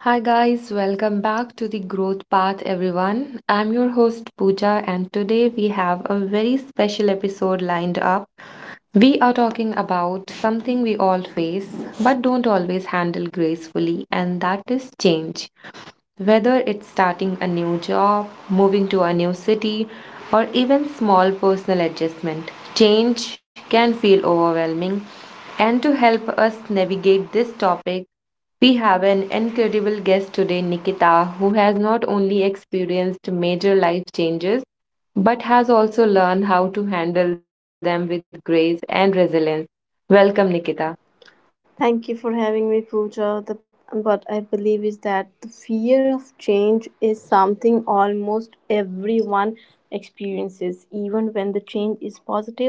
Hi guys, welcome back to the Growth Path, everyone. I'm your host Pooja, and today we have a very special episode lined up. We are talking about something we all face but don't always handle gracefully, and that is change. Whether it's starting a new job, moving to a new city, or even small personal adjustment, change can feel overwhelming. And to help us navigate this topic, we have an incredible guest today, Nikita, who has not only experienced major life changes but has also learned how to handle them with grace and resilience. Welcome, Nikita. Thank you for having me, Pooja. What I believe is that the fear of change is something almost everyone experiences, even when the change is positive.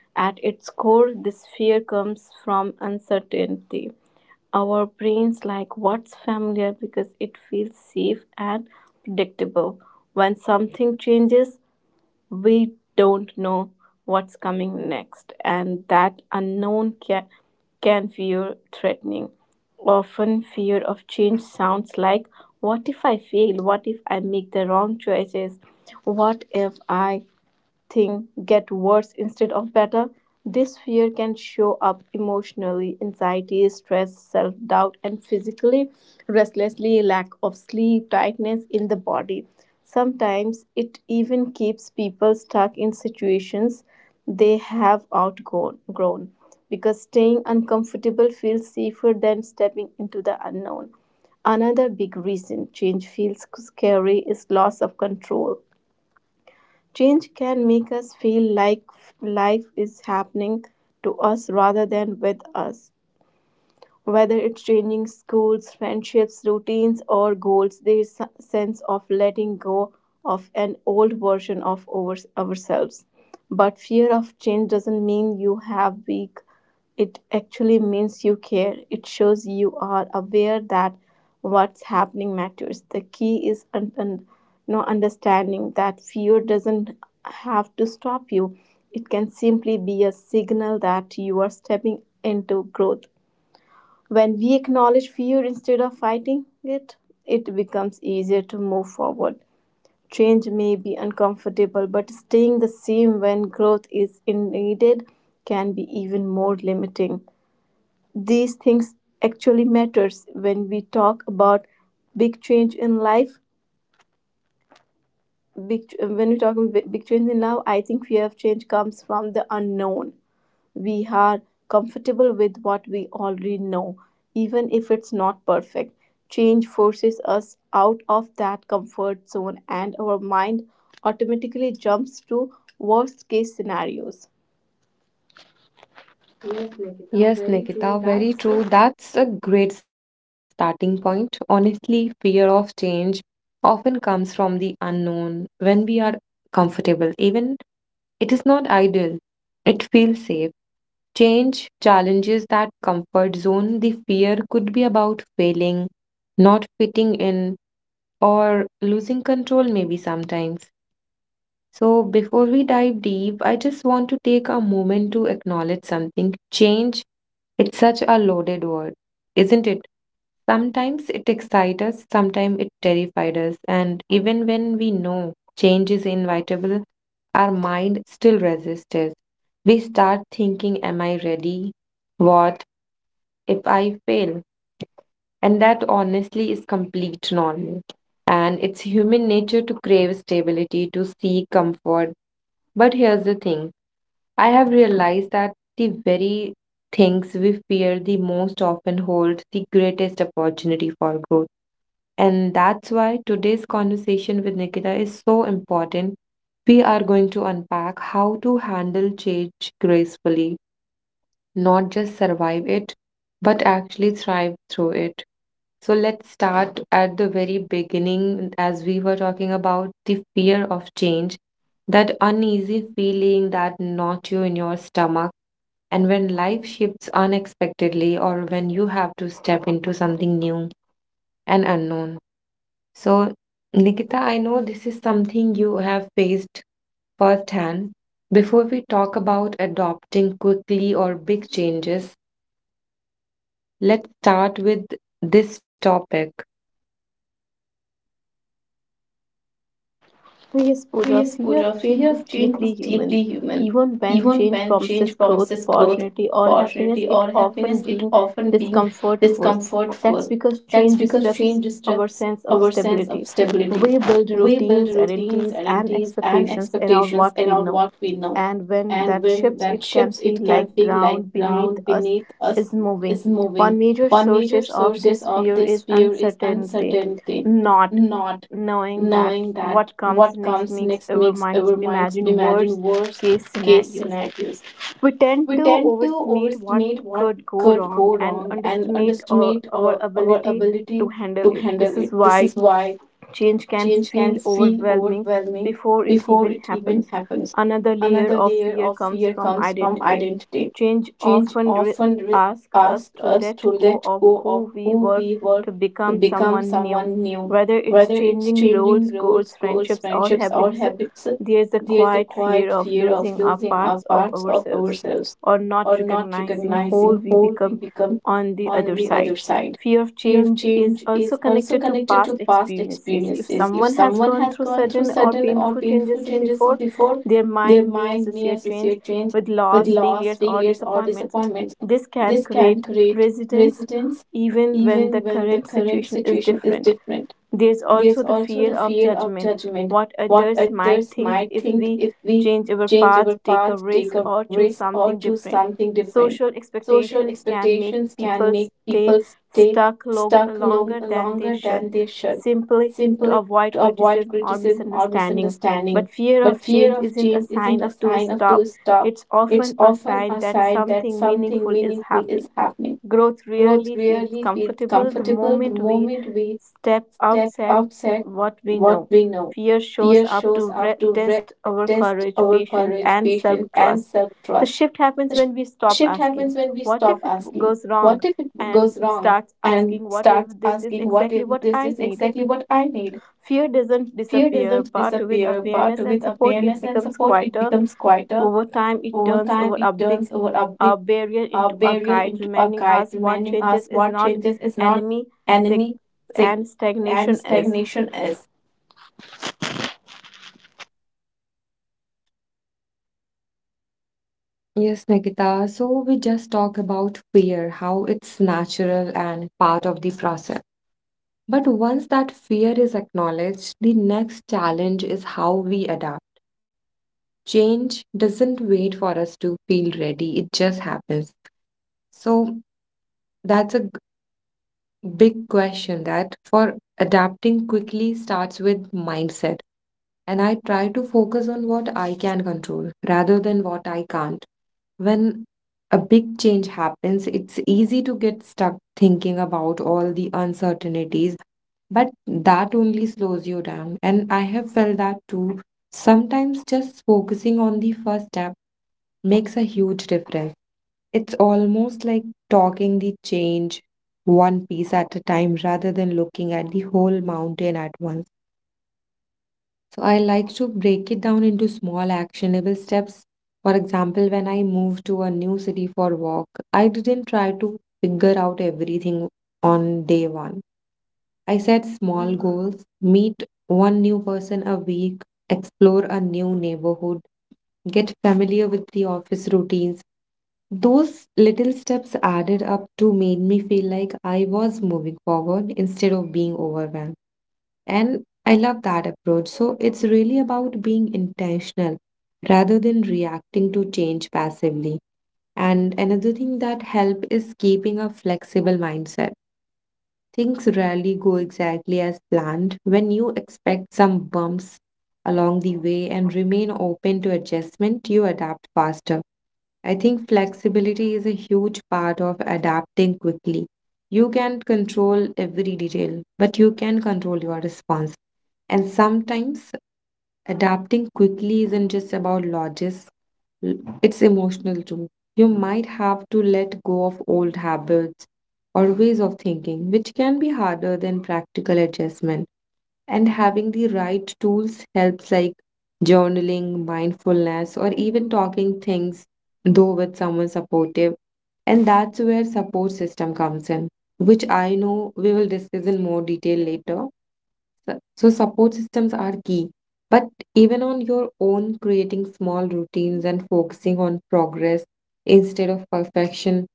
At its core, this fear comes from uncertainty. Our brains like what's familiar because it feels safe and predictable. When something changes, we don't know what's coming next, and that unknown can feel threatening. Often, fear of change sounds like, what if I fail? What if I make the wrong choices? What if I things get worse instead of better. This fear can show up emotionally, anxiety, stress, self doubt, and physically, restlessly, lack of sleep, tightness in the body. Sometimes it even keeps people stuck in situations they have outgrown grown, because staying uncomfortable feels safer than stepping into the unknown. Another big reason change feels scary is loss of control. Change can make us feel like life is happening to us rather than with us. Whether it's changing schools, friendships, routines, or goals, there is a sense of letting go of an old version of ourselves. But fear of change doesn't mean you have weak, it actually means you care. It shows you are aware that what's happening matters. The key is understanding that fear doesn't have to stop you. It can simply be a signal that you are stepping into growth. When we acknowledge fear instead of fighting it, it becomes easier to move forward. Change may be uncomfortable, but staying the same when growth is needed can be even more limiting. These things actually matters when we talk about big change in life. When we talk about big change in life, I think fear of change comes from the unknown. We are comfortable with what we already know, even if it's not perfect. Change forces us out of that comfort zone, and our mind automatically jumps to worst case scenarios. Yes, Nikita, Yes, very Nikita, true. very That's true. a. That's a great starting point. Honestly, fear of change often comes from the unknown. When we are comfortable, even it is not ideal, it feels safe. Change challenges that comfort zone. The fear could be about failing, not fitting in, or losing control, maybe sometimes. So, before we dive deep, I just want to take a moment to acknowledge something. Change, it's such a loaded word, isn't it? Sometimes it excites us, sometimes it terrifies us, and even when we know change is inevitable, our mind still resists us. We start thinking, am I ready? What if I fail? And that honestly is complete normal. And it's human nature to crave stability, to seek comfort, but here's the thing: I have realized that the very things we fear the most often hold the greatest opportunity for growth. And that's why today's conversation with Nikita is so important. We are going to unpack how to handle change gracefully, not just survive it, but actually thrive through it. So let's start at the very beginning, as we were talking about the fear of change, that uneasy feeling, that knot you in your stomach. And when life shifts unexpectedly, or when you have to step into something new and unknown. So, Nikita, I know this is something you have faced firsthand. Before we talk about adopting quickly or big changes, let's start with this topic. Yes, Pooja, Yes, fear of Pooja, fear change is of change is deeply deeply human. human. Even when Even change when promises change growth, promises growth, opportunity, or opportunity, or happiness, it happiness, it often brings often being discomfort first. discomfort first. That's because That's change because change disrupts disrupts our sense our of sense of stability. stability. We build We build routines, routines, identities, and identities, and expectations around expectations what we around what know. we know. And when And that when shifts, that it shifts, can it feel can like feel like ground ground beneath us beneath us is is moving. moving. One major One major sources of sources this of fear this is fear is uncertainty, uncertainty. not Not knowing that knowing that what comes what next comes makes next our makes minds our minds imagine imagine worst worst case case scenarios. scenarios. We tend We to tend to overestimate what overestimate what could go could wrong go and wrong and underestimate our, underestimate our our ability to ability handle to it. handle This is it. This why is why change can change feel can feel overwhelming overwhelming before it before even it even happens. happens. Another layer Another of layer fear of comes fear from comes from identity. identity. Change Change often often asks us asks to us let to go let of go of who we who were we were to to become become someone new. someone new. Whether it's Whether it's changing changing roles, roles, goals, goals, friendships, or friendships, or habits, habits, there's a there's a quiet quiet fear of fear of losing our losing our parts of parts of ourselves ourselves or or not not recognizing whole recognizing we who we become become on the on other the other side. side. Fear of Fear of change is change also is also connected to connected to past past experiences. If experiences. If someone has someone gone has through gone through sudden or sudden or painful painful changes changes before, before, their their mind may mind may associate change associate change with with loss, loss, failures, or failures, or disappointments. disappointment. This can This can create create resistance resistance even when the even when the current current situation is situation is different. different. There's There's also the also fear the of fear of judgment, judgment, what what others might others think might if think we if we change our change path, our take a path, take risk, a or risk, choose or something choose different. something different. Social Social expectations can expectations make can make people people stay stay stuck stuck longer than they longer than should, they should, simply to simply avoid to avoid criticism or criticism or misunderstanding. misunderstanding. But fear But of fear change of isn't a change isn't sign a of to sign of to stop, stop. it's It's often a often sign a that sign that something something meaningful is meaningful is happening. happening. Growth Growth really feels rarely feels comfortable the comfortable the moment we moment we step step outside outside what we what know. we know. Fear shows Fear up to shows up to test our test courage, our patience, courage, and patience, self and trust. self The trust. shift happens The when we shift stop happens when we asking, stop what if asking, it what goes if wrong? it goes And wrong? starts And asking, starts what if asking, this is what if exactly this what is I exactly need? what I need? Fear doesn't Fear disappear, doesn't but with disappear, but awareness with and support, awareness it and becomes support, it quieter. becomes quieter. Over time, it Over turns time, over it a turns big over a big barrier a into a barrier guide, into a reminding guide, us what reminding changes us is what not changes is not enemy, sig- enemy, sick, and and stagnation is. stagnation is. Yes, Nikita. So we just talk about fear, how it's natural and part of the process. But once that fear is acknowledged, the next challenge is how we adapt. Change doesn't wait for us to feel ready, it just happens. So that's a big question, that for adapting quickly starts with mindset. And I try to focus on what I can control rather than what I can't. When a big change happens, it's easy to get stuck thinking about all the uncertainties, but that only slows you down. And I have felt that too. Sometimes just focusing on the first step makes a huge difference. It's almost like talking the change one piece at a time rather than looking at the whole mountain at once. So I like to break it down into small actionable steps. For example, when I moved to a new city for work, I didn't try to figure out everything on day one. I set small goals, meet one new person a week, explore a new neighborhood, get familiar with the office routines. Those little steps added up to made me feel like I was moving forward instead of being overwhelmed. And I love that approach. So it's really about being intentional rather than reacting to change passively. And another thing that help is keeping a flexible mindset. Things rarely go exactly as planned. When you expect some bumps along the way and remain open to adjustment, you adapt faster. I think flexibility is a huge part of adapting quickly. You can't control every detail, but you can control your response. And sometimes adapting quickly isn't just about lodges, l- it's emotional too. You might have to let go of old habits or ways of thinking, which can be harder than practical adjustment. And having the right tools helps, like journaling, mindfulness, or even talking things though with someone supportive. And that's where support system comes in, which I know we will discuss in more detail later. So support systems are key, but even on your own, creating small routines and focusing on progress instead of perfection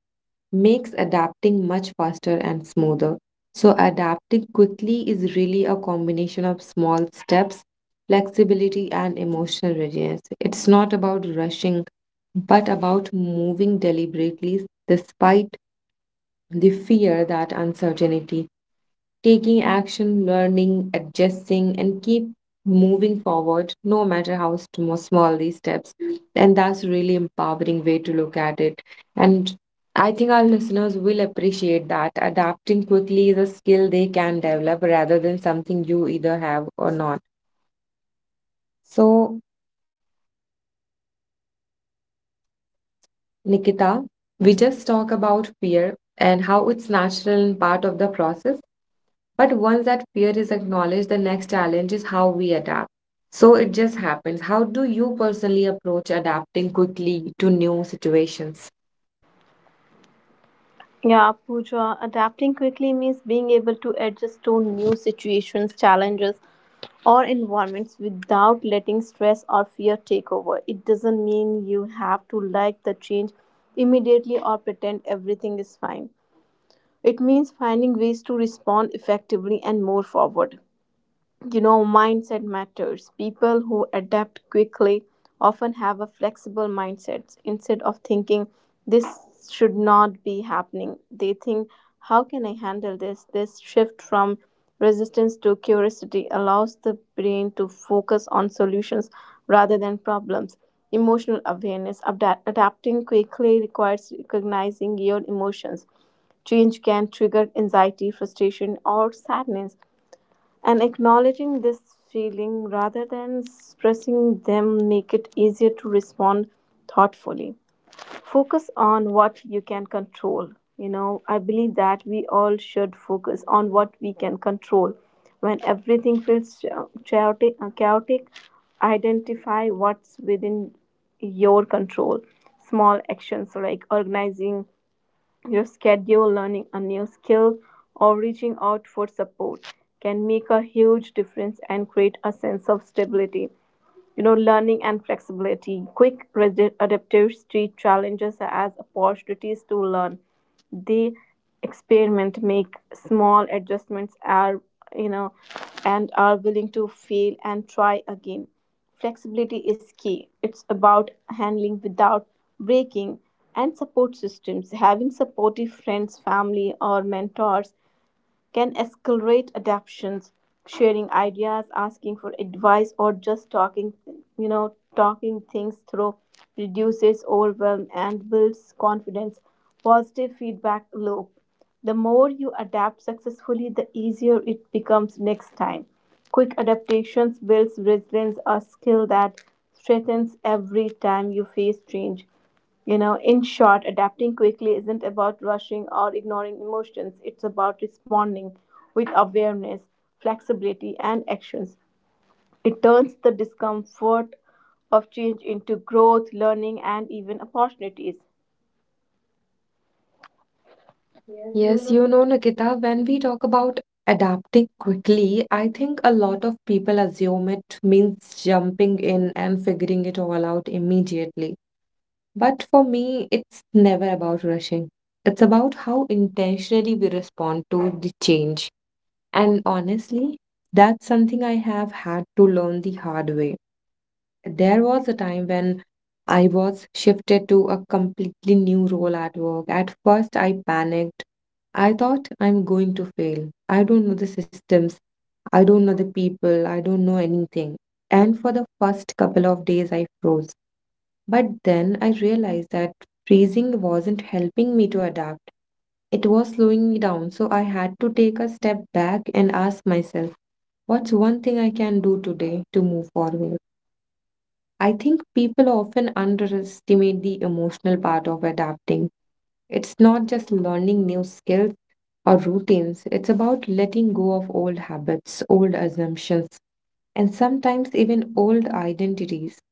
makes adapting much faster and smoother. So, adapting quickly is really a combination of small steps, flexibility, and emotional readiness. It's not about rushing, but about moving deliberately despite the fear that uncertainty, taking action, learning, adjusting, and keep moving forward, no matter how small these steps. And that's really empowering way to look at it. And I think our listeners will appreciate that adapting quickly is a skill they can develop rather than something you either have or not. So, Nikita, we just talk about fear and how it's natural and part of the process. But once that fear is acknowledged, the next challenge is how we adapt. So it just happens. How do you personally approach adapting quickly to new situations? Yeah, Pooja, adapting quickly means being able to adjust to new situations, challenges, or environments without letting stress or fear take over. It doesn't mean you have to like the change immediately or pretend everything is fine. It means finding ways to respond effectively and more forward. You know, mindset matters. People who adapt quickly often have a flexible mindset. Instead of thinking this should not be happening, they think, how can I handle this? This shift from resistance to curiosity allows the brain to focus on solutions rather than problems. Emotional awareness. Adapting quickly requires recognizing your emotions. Change can trigger anxiety, frustration, or sadness, and acknowledging this feeling rather than suppressing them make it easier to respond thoughtfully. Focus on what you can control. You know, I believe that we all should focus on what we can control. When everything feels chaotic, chaotic, identify what's within your control. Small actions like organizing your schedule, learning a new skill, or reaching out for support can make a huge difference and create a sense of stability. You know, learning and flexibility, quick, adaptive street challenges as opportunities to learn. They experiment, make small adjustments are, you know, and are willing to fail and try again. Flexibility is key. It's about handling without breaking. And support systems, having supportive friends, family, or mentors can accelerate adaptations, sharing ideas, asking for advice, or just talking, talking things through reduces overwhelm and builds confidence. Positive feedback loop. The more you adapt successfully, the easier it becomes next time. Quick adaptations builds resilience, a skill that strengthens every time you face change. You know, in short, adapting quickly isn't about rushing or ignoring emotions. It's about responding with awareness, flexibility, and actions. It turns the discomfort of change into growth, learning, and even opportunities. Yes, you know, Nikita, when we talk about adapting quickly, I think a lot of people assume it means jumping in and figuring it all out immediately. But for me, it's never about rushing. It's about how intentionally we respond to the change. And honestly, that's something I have had to learn the hard way. There was a time when I was shifted to a completely new role at work. At first, I panicked. I thought, I'm going to fail. I don't know the systems. I don't know the people. I don't know anything. And for the first couple of days, I froze. But then I realized that freezing wasn't helping me to adapt. It was slowing me down, so I had to take a step back and ask myself, what's one thing I can do today to move forward? I think people often underestimate the emotional part of adapting. It's not just learning new skills or routines, it's about letting go of old habits, old assumptions, and sometimes even old identities.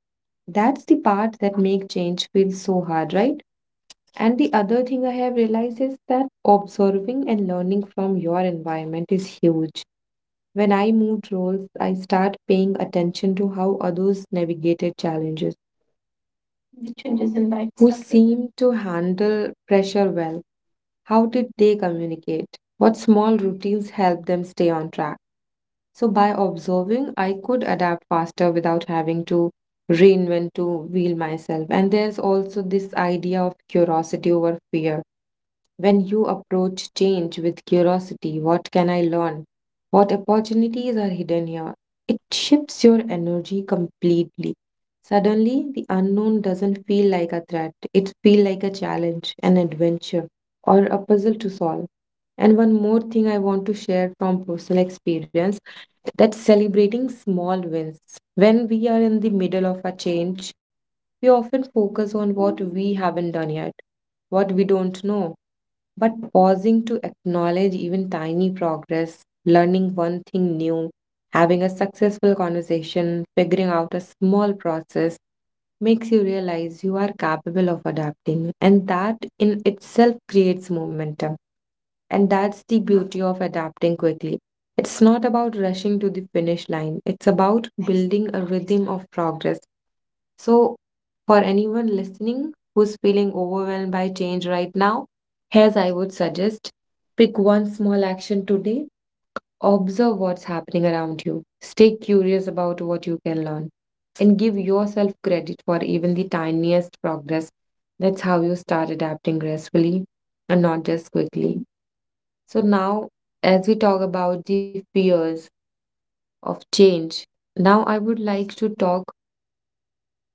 That's the part that make change feel so hard, right? And the other thing I have realized is that observing and learning from your environment is huge. When I moved roles, I start paying attention to how others navigated challenges. The changes in who lifestyle seem to handle pressure well. How did they communicate? What small routines help them stay on track? So, by observing, I could adapt faster without having to reinvent to wheel myself. And there's also this idea of curiosity over fear. When you approach change with curiosity, what can I learn? What opportunities are hidden here? It shifts your energy completely. Suddenly, the unknown doesn't feel like a threat. It feels like a challenge, an adventure, or a puzzle to solve. And one more thing I want to share from personal experience, that celebrating small wins. When we are in the middle of a change, we often focus on what we haven't done yet, what we don't know, but pausing to acknowledge even tiny progress, learning one thing new, having a successful conversation, figuring out a small process makes you realize you are capable of adapting. And that in itself creates momentum. And that's the beauty of adapting quickly. It's not about rushing to the finish line, it's about building a rhythm of progress. So, for anyone listening who's feeling overwhelmed by change right now, here's I would suggest pick one small action today, observe what's happening around you, stay curious about what you can learn, and give yourself credit for even the tiniest progress. That's how you start adapting gracefully and not just quickly. So, now as we talk about the fears of change, now I would like to talk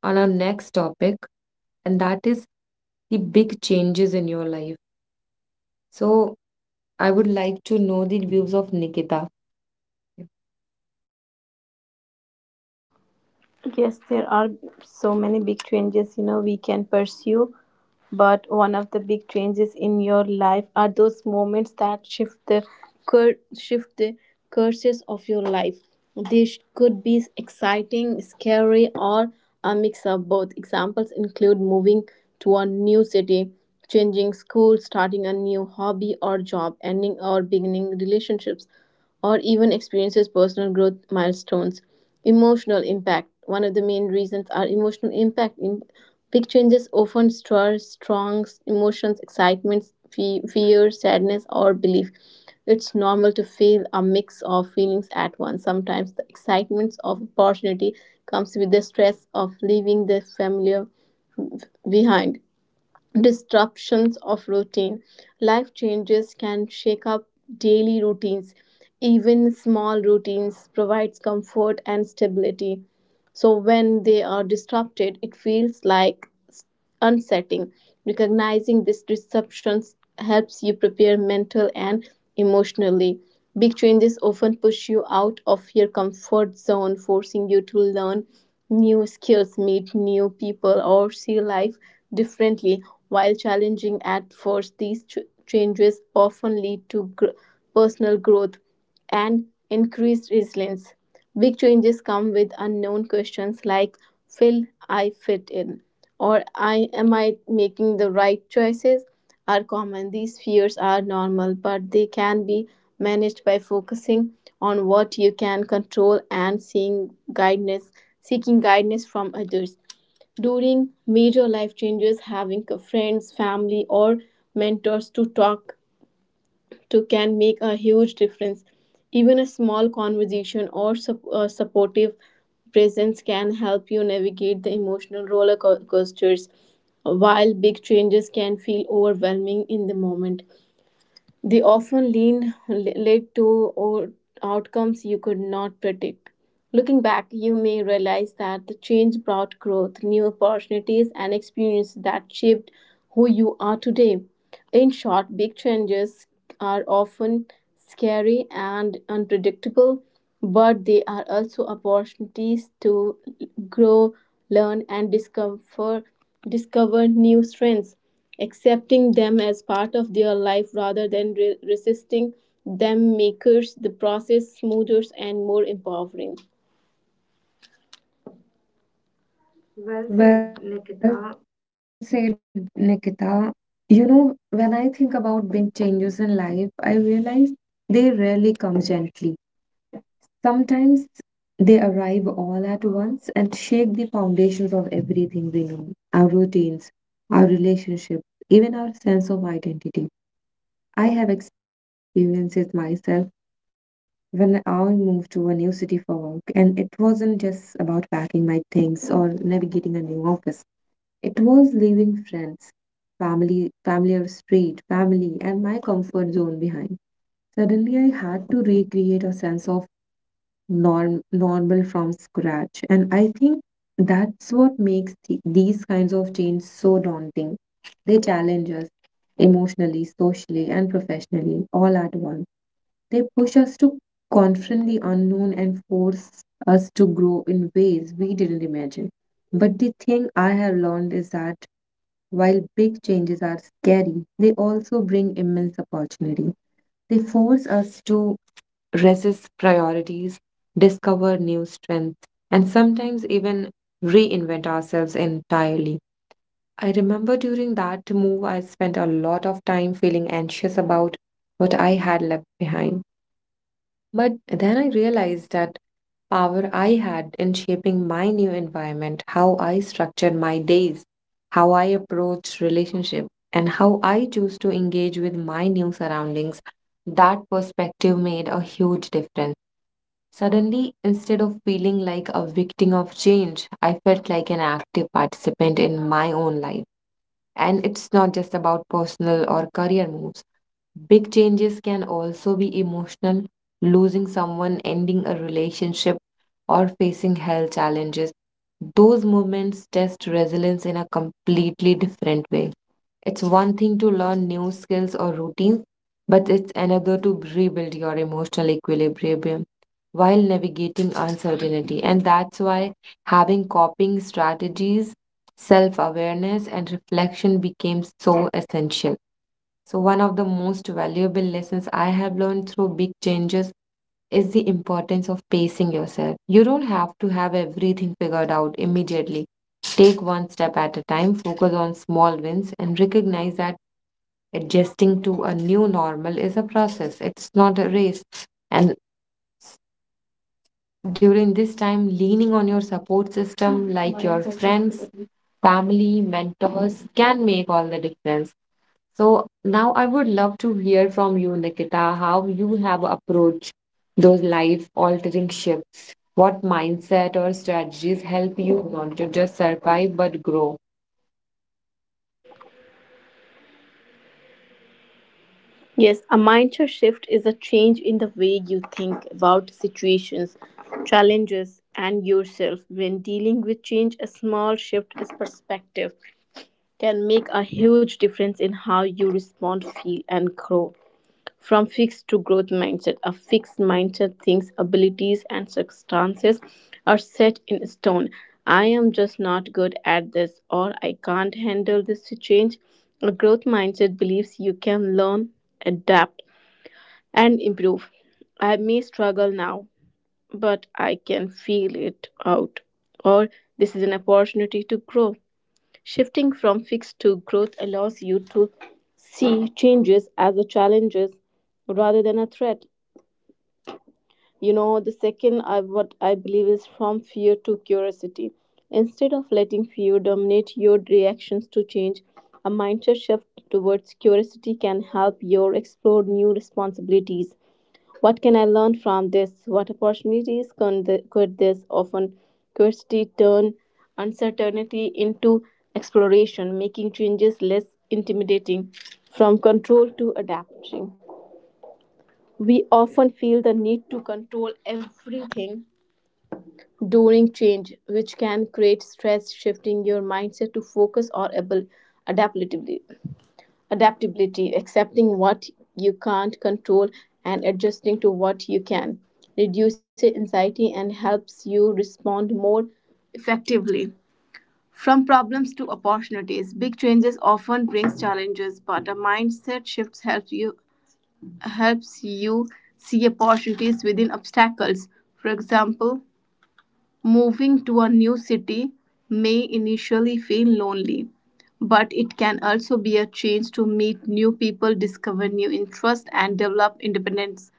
on our next topic, and that is the big changes in your life. So, I would like to know the views of Nikita. Yes, there are so many big changes, you know, we can pursue. But one of the big changes in your life are those moments that shift the cur- shift the courses of your life. This could be exciting, scary, or a mix of both. Examples include moving to a new city, changing school, starting a new hobby or job, ending or beginning relationships, or even experiences personal growth milestones. Emotional impact. One of the main reasons are emotional impact. Big changes often stir strong emotions, excitement, fear, sadness, or belief. It's normal to feel a mix of feelings at once. Sometimes the excitement of opportunity comes with the stress of leaving the familiar behind. Disruptions of routine. Life changes can shake up daily routines. Even small routines provides comfort and stability. So when they are disrupted, it feels like unsettling. Recognizing these disruptions helps you prepare mental and emotionally. Big changes often push you out of your comfort zone, forcing you to learn new skills, meet new people, or see life differently. While challenging at first, these changes often lead to personal growth and increased resilience. Big changes come with unknown questions like, will I fit in? Or am I making the right choices? Are common. These fears are normal, but they can be managed by focusing on what you can control and seeking guidance from others. During major life changes, having a friends, family, or mentors to talk to can make a huge difference. Even a small conversation or supportive presence can help you navigate the emotional roller coasters while big changes can feel overwhelming in the moment. They often led to outcomes you could not predict. Looking back, you may realize that the change brought growth, new opportunities, and experience that shaped who you are today. In short, big changes are often scary and unpredictable, but they are also opportunities to grow, learn, and discover new strengths. Accepting them as part of their life rather than resisting them makes the process smoother and more empowering. Well Well said, said, Nikita. Nikita. You know, when I think about big changes in life, I realize they rarely come gently. Sometimes they arrive all at once and shake the foundations of everything we know, our routines, our relationships, even our sense of identity. I have experienced it myself when I moved to a new city for work, and it wasn't just about packing my things or navigating a new office, it was leaving friends, family, familiar street, family, and my comfort zone behind. Suddenly, I had to recreate a sense of normal from scratch. And I think that's what makes these kinds of change so daunting. They challenge us emotionally, socially, and professionally all at once. They push us to confront the unknown and force us to grow in ways we didn't imagine. But the thing I have learned is that while big changes are scary, they also bring immense opportunity. They force us to resist priorities, discover new strengths, and sometimes even reinvent ourselves entirely. I remember during that move, I spent a lot of time feeling anxious about what I had left behind. But then I realized that power I had in shaping my new environment, how I structured my days, how I approached relationship, and how I choose to engage with my new surroundings. That perspective made a huge difference. Suddenly, instead of feeling like a victim of change, I felt like an active participant in my own life. And it's not just about personal or career moves. Big changes can also be emotional, losing someone, ending a relationship, or facing health challenges. Those moments test resilience in a completely different way. It's one thing to learn new skills or routines, but it's another to rebuild your emotional equilibrium while navigating uncertainty. And that's why having coping strategies, self awareness, and reflection became so essential. So, one of the most valuable lessons I have learned through big changes is the importance of pacing yourself. You don't have to have everything figured out immediately. Take one step at a time, focus on small wins, and recognize that adjusting to a new normal is a process, it's not a race. And during this time, leaning on your support system like your friends, family, mentors can make all the difference. So now I would love to hear from you, Nikita, how you have approached those life altering shifts. What mindset or strategies help you not to just survive but grow? Yes, a mindset shift is a change in the way you think about situations, challenges, and yourself. When dealing with change, a small shift in perspective can make a huge difference in how you respond, feel, and grow. From fixed to growth mindset, a fixed mindset thinks abilities and circumstances are set in stone. I am just not good at this, or I can't handle this change. A growth mindset believes you can learn, adapt, and improve. I may struggle now, but I can feel it out. Or this is an opportunity to grow. Shifting from fixed to growth allows you to see changes as a challenges rather than a threat. You know, the what I believe is from fear to curiosity. Instead of letting fear dominate your reactions to change, a mindset shift towards curiosity can help you explore new responsibilities, what can I learn from this? What opportunities can could this often curiosity turn uncertainty into exploration, making changes less intimidating from control to adapting? We often feel the need to control everything during change, which can create stress, shifting your mindset to focus or able adaptability. Adaptability, accepting what you can't control and adjusting to what you can, reduces anxiety and helps you respond more effectively. From problems to opportunities, big changes often brings challenges, but a mindset shift helps you see opportunities within obstacles. For example, moving to a new city may initially feel lonely, but it can also be a chance to meet new people, discover new interests, and develop independence.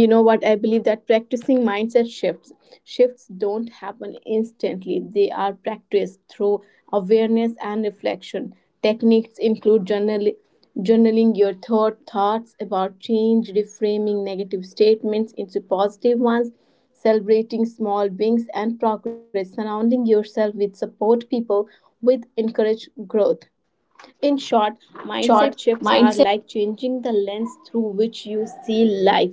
You know what, I believe that practicing mindset shifts don't happen instantly. They are practiced through awareness and reflection. Techniques include journaling your thoughts about change, reframing negative statements into positive ones, celebrating small wins and progress, surrounding yourself with support people with encourage growth. In short, In short, mindset shifts mindset. are like changing the lens through which you see life.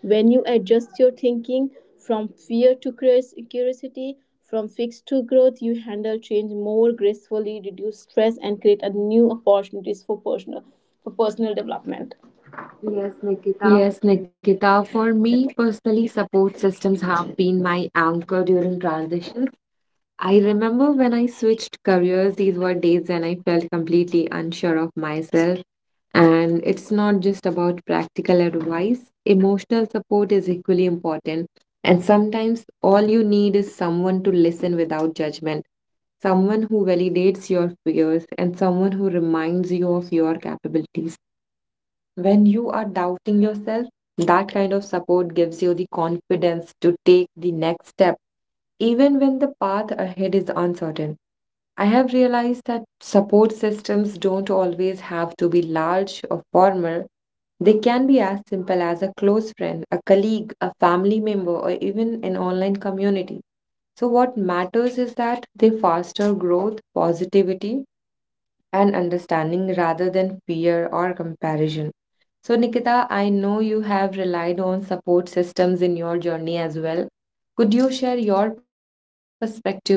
When you adjust your thinking from fear to curios- curiosity, from fixed to growth, you handle change more gracefully, reduce stress, and create a new opportunities for personal development. Yes, Yes, Nikita. Nikita, for me personally, support systems have been my anchor during transitions. I remember when I switched careers, these were days when I felt completely unsure of myself. And it's not just about practical advice, emotional support is equally important. And sometimes all you need is someone to listen without judgment, someone who validates your fears, and someone who reminds you of your capabilities. When you are doubting yourself, that kind of support gives you the confidence to take the next step, even when the path ahead is uncertain. I have realized that support systems don't always have to be large or formal. They can be as simple as a close friend, a colleague, a family member, or even an online community. So, what matters is that they foster growth, positivity, and understanding rather than fear or comparison. So, Nikita, I know you have relied on support systems in your journey as well. Could you share your perspective with our listener?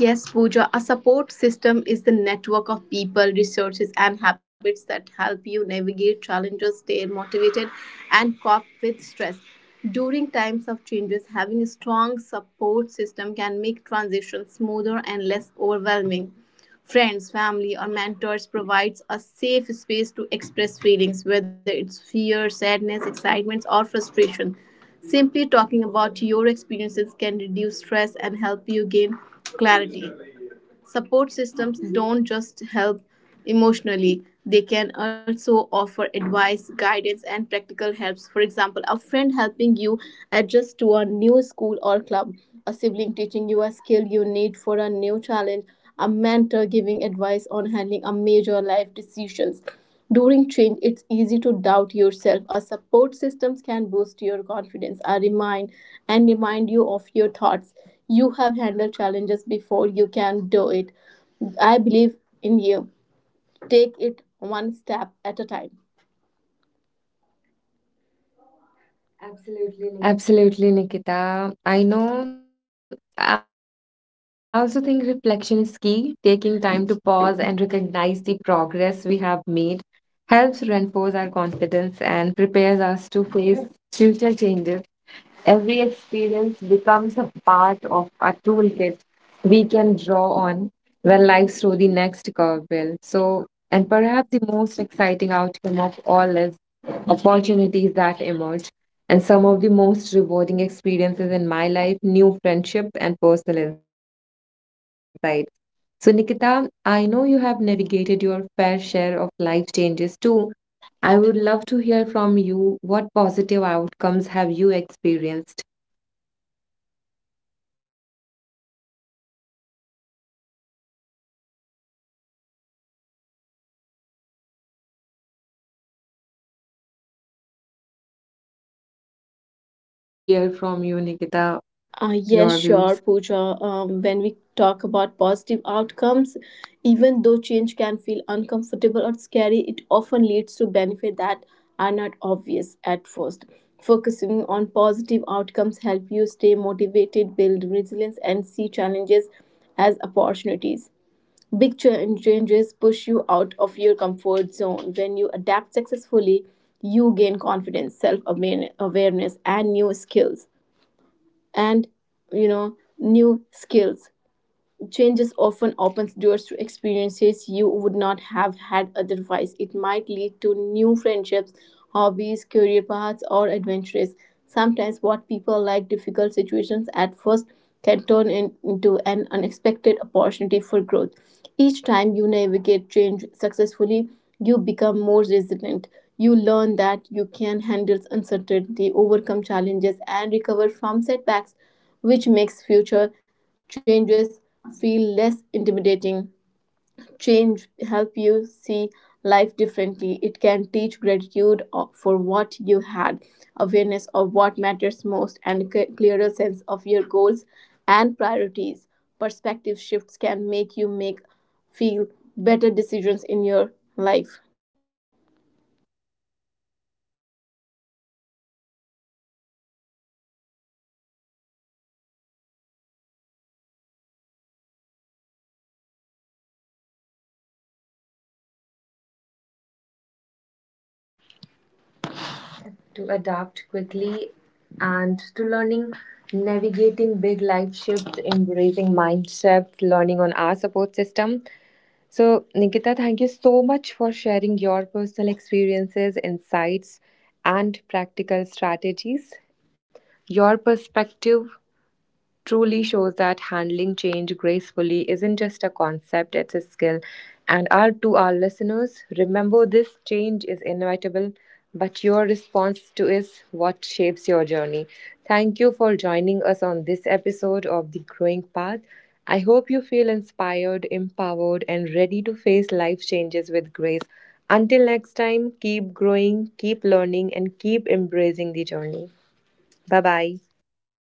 Yes, Pooja, a support system is the network of people, resources, and habits that help you navigate challenges, stay motivated, and cope with stress. During times of changes, having a strong support system can make transitions smoother and less overwhelming. Friends, family, or mentors provides a safe space to express feelings, whether it's fear, sadness, excitement, or frustration. Simply talking about your experiences can reduce stress and help you gain clarity. Support systems don't just help emotionally, they can also offer advice, guidance, and practical helps. For example, a friend helping you adjust to a new school or club, a sibling teaching you a skill you need for a new challenge, a mentor giving advice on handling a major life decisions. During change, it's easy to doubt yourself. A support systems can boost your confidence. I remind and remind you of your thoughts. You have handled challenges before. You can do it. I believe in you. Take it one step at a time. Absolutely, Nikhil. Absolutely, Nikita. I know. I also think reflection is key. Taking time to pause and recognize the progress we have made helps reinforce our confidence and prepares us to face future changes. Every experience becomes a part of a toolkit we can draw on when life throws the next curveball. So, and perhaps the most exciting outcome of all is opportunities that emerge. And some of the most rewarding experiences in my life, new friendships and personal insights. So, Nikita, I know you have navigated your fair share of life changes too. I would love to hear from you. What positive outcomes have you experienced? I would like to hear from you, Nikita, your Uh, views. yes, sure, Pooja. When we talk about positive outcomes, even though change can feel uncomfortable or scary, it often leads to benefits that are not obvious at first. Focusing on positive outcomes help you stay motivated, build resilience, and see challenges as opportunities. Changes push you out of your comfort zone. When you adapt successfully, you gain confidence, self awareness, and new skills and new skills. Changes often opens doors to experiences you would not have had otherwise. It might lead to new friendships, hobbies, career paths, or adventures. Sometimes what people like difficult situations at first can turn into an unexpected opportunity for growth. Each time you navigate change successfully, you become more resilient. You learn that you can handle uncertainty, overcome challenges, and recover from setbacks, which makes future changes feel less intimidating. Change help you see life differently. It can teach gratitude for what you had, awareness of what matters most, and clearer sense of your goals and priorities. Perspective shifts can make you make feel better decisions in your life. Wow, Nikita, this has been such an insightful conversation from acknowledging our fear of change to learning how To to adapt adapt quickly quickly, and to and to learning learning navigating big navigating life big life shifts, shifts, embracing embracing mindset, mind shift, learning on our learning on support our support system. system, So, Nikita, So, thank you Nikita, so thank you much for so much sharing for your sharing personal your personal experiences, experiences, insights, insights, and and practical practical strategies. strategies. Your Your perspective perspective truly shows truly that shows that handling handling change change gracefully isn't gracefully just a isn't just a concept, it's a concept, it's skill. a skill. And our, And to our our, to our listeners, listeners, remember this remember this change is change is inevitable, inevitable, but your but your response to response is to is what shapes what your shapes journey. your journey. Thank you for Thank you joining for us on joining this us on this episode of The episode Growing of The Path. Growing I Path. hope you I feel hope you feel inspired, inspired, empowered, and ready empowered, to and face ready to life face changes life with grace. changes with grace. Until next Until time, next keep time, growing, keep keep growing, learning, keep and keep learning, and keep embracing the journey. embracing the journey. Bye bye. Bye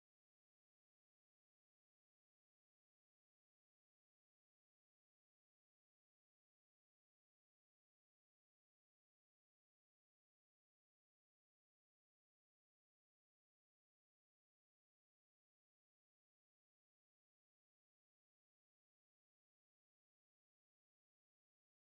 bye.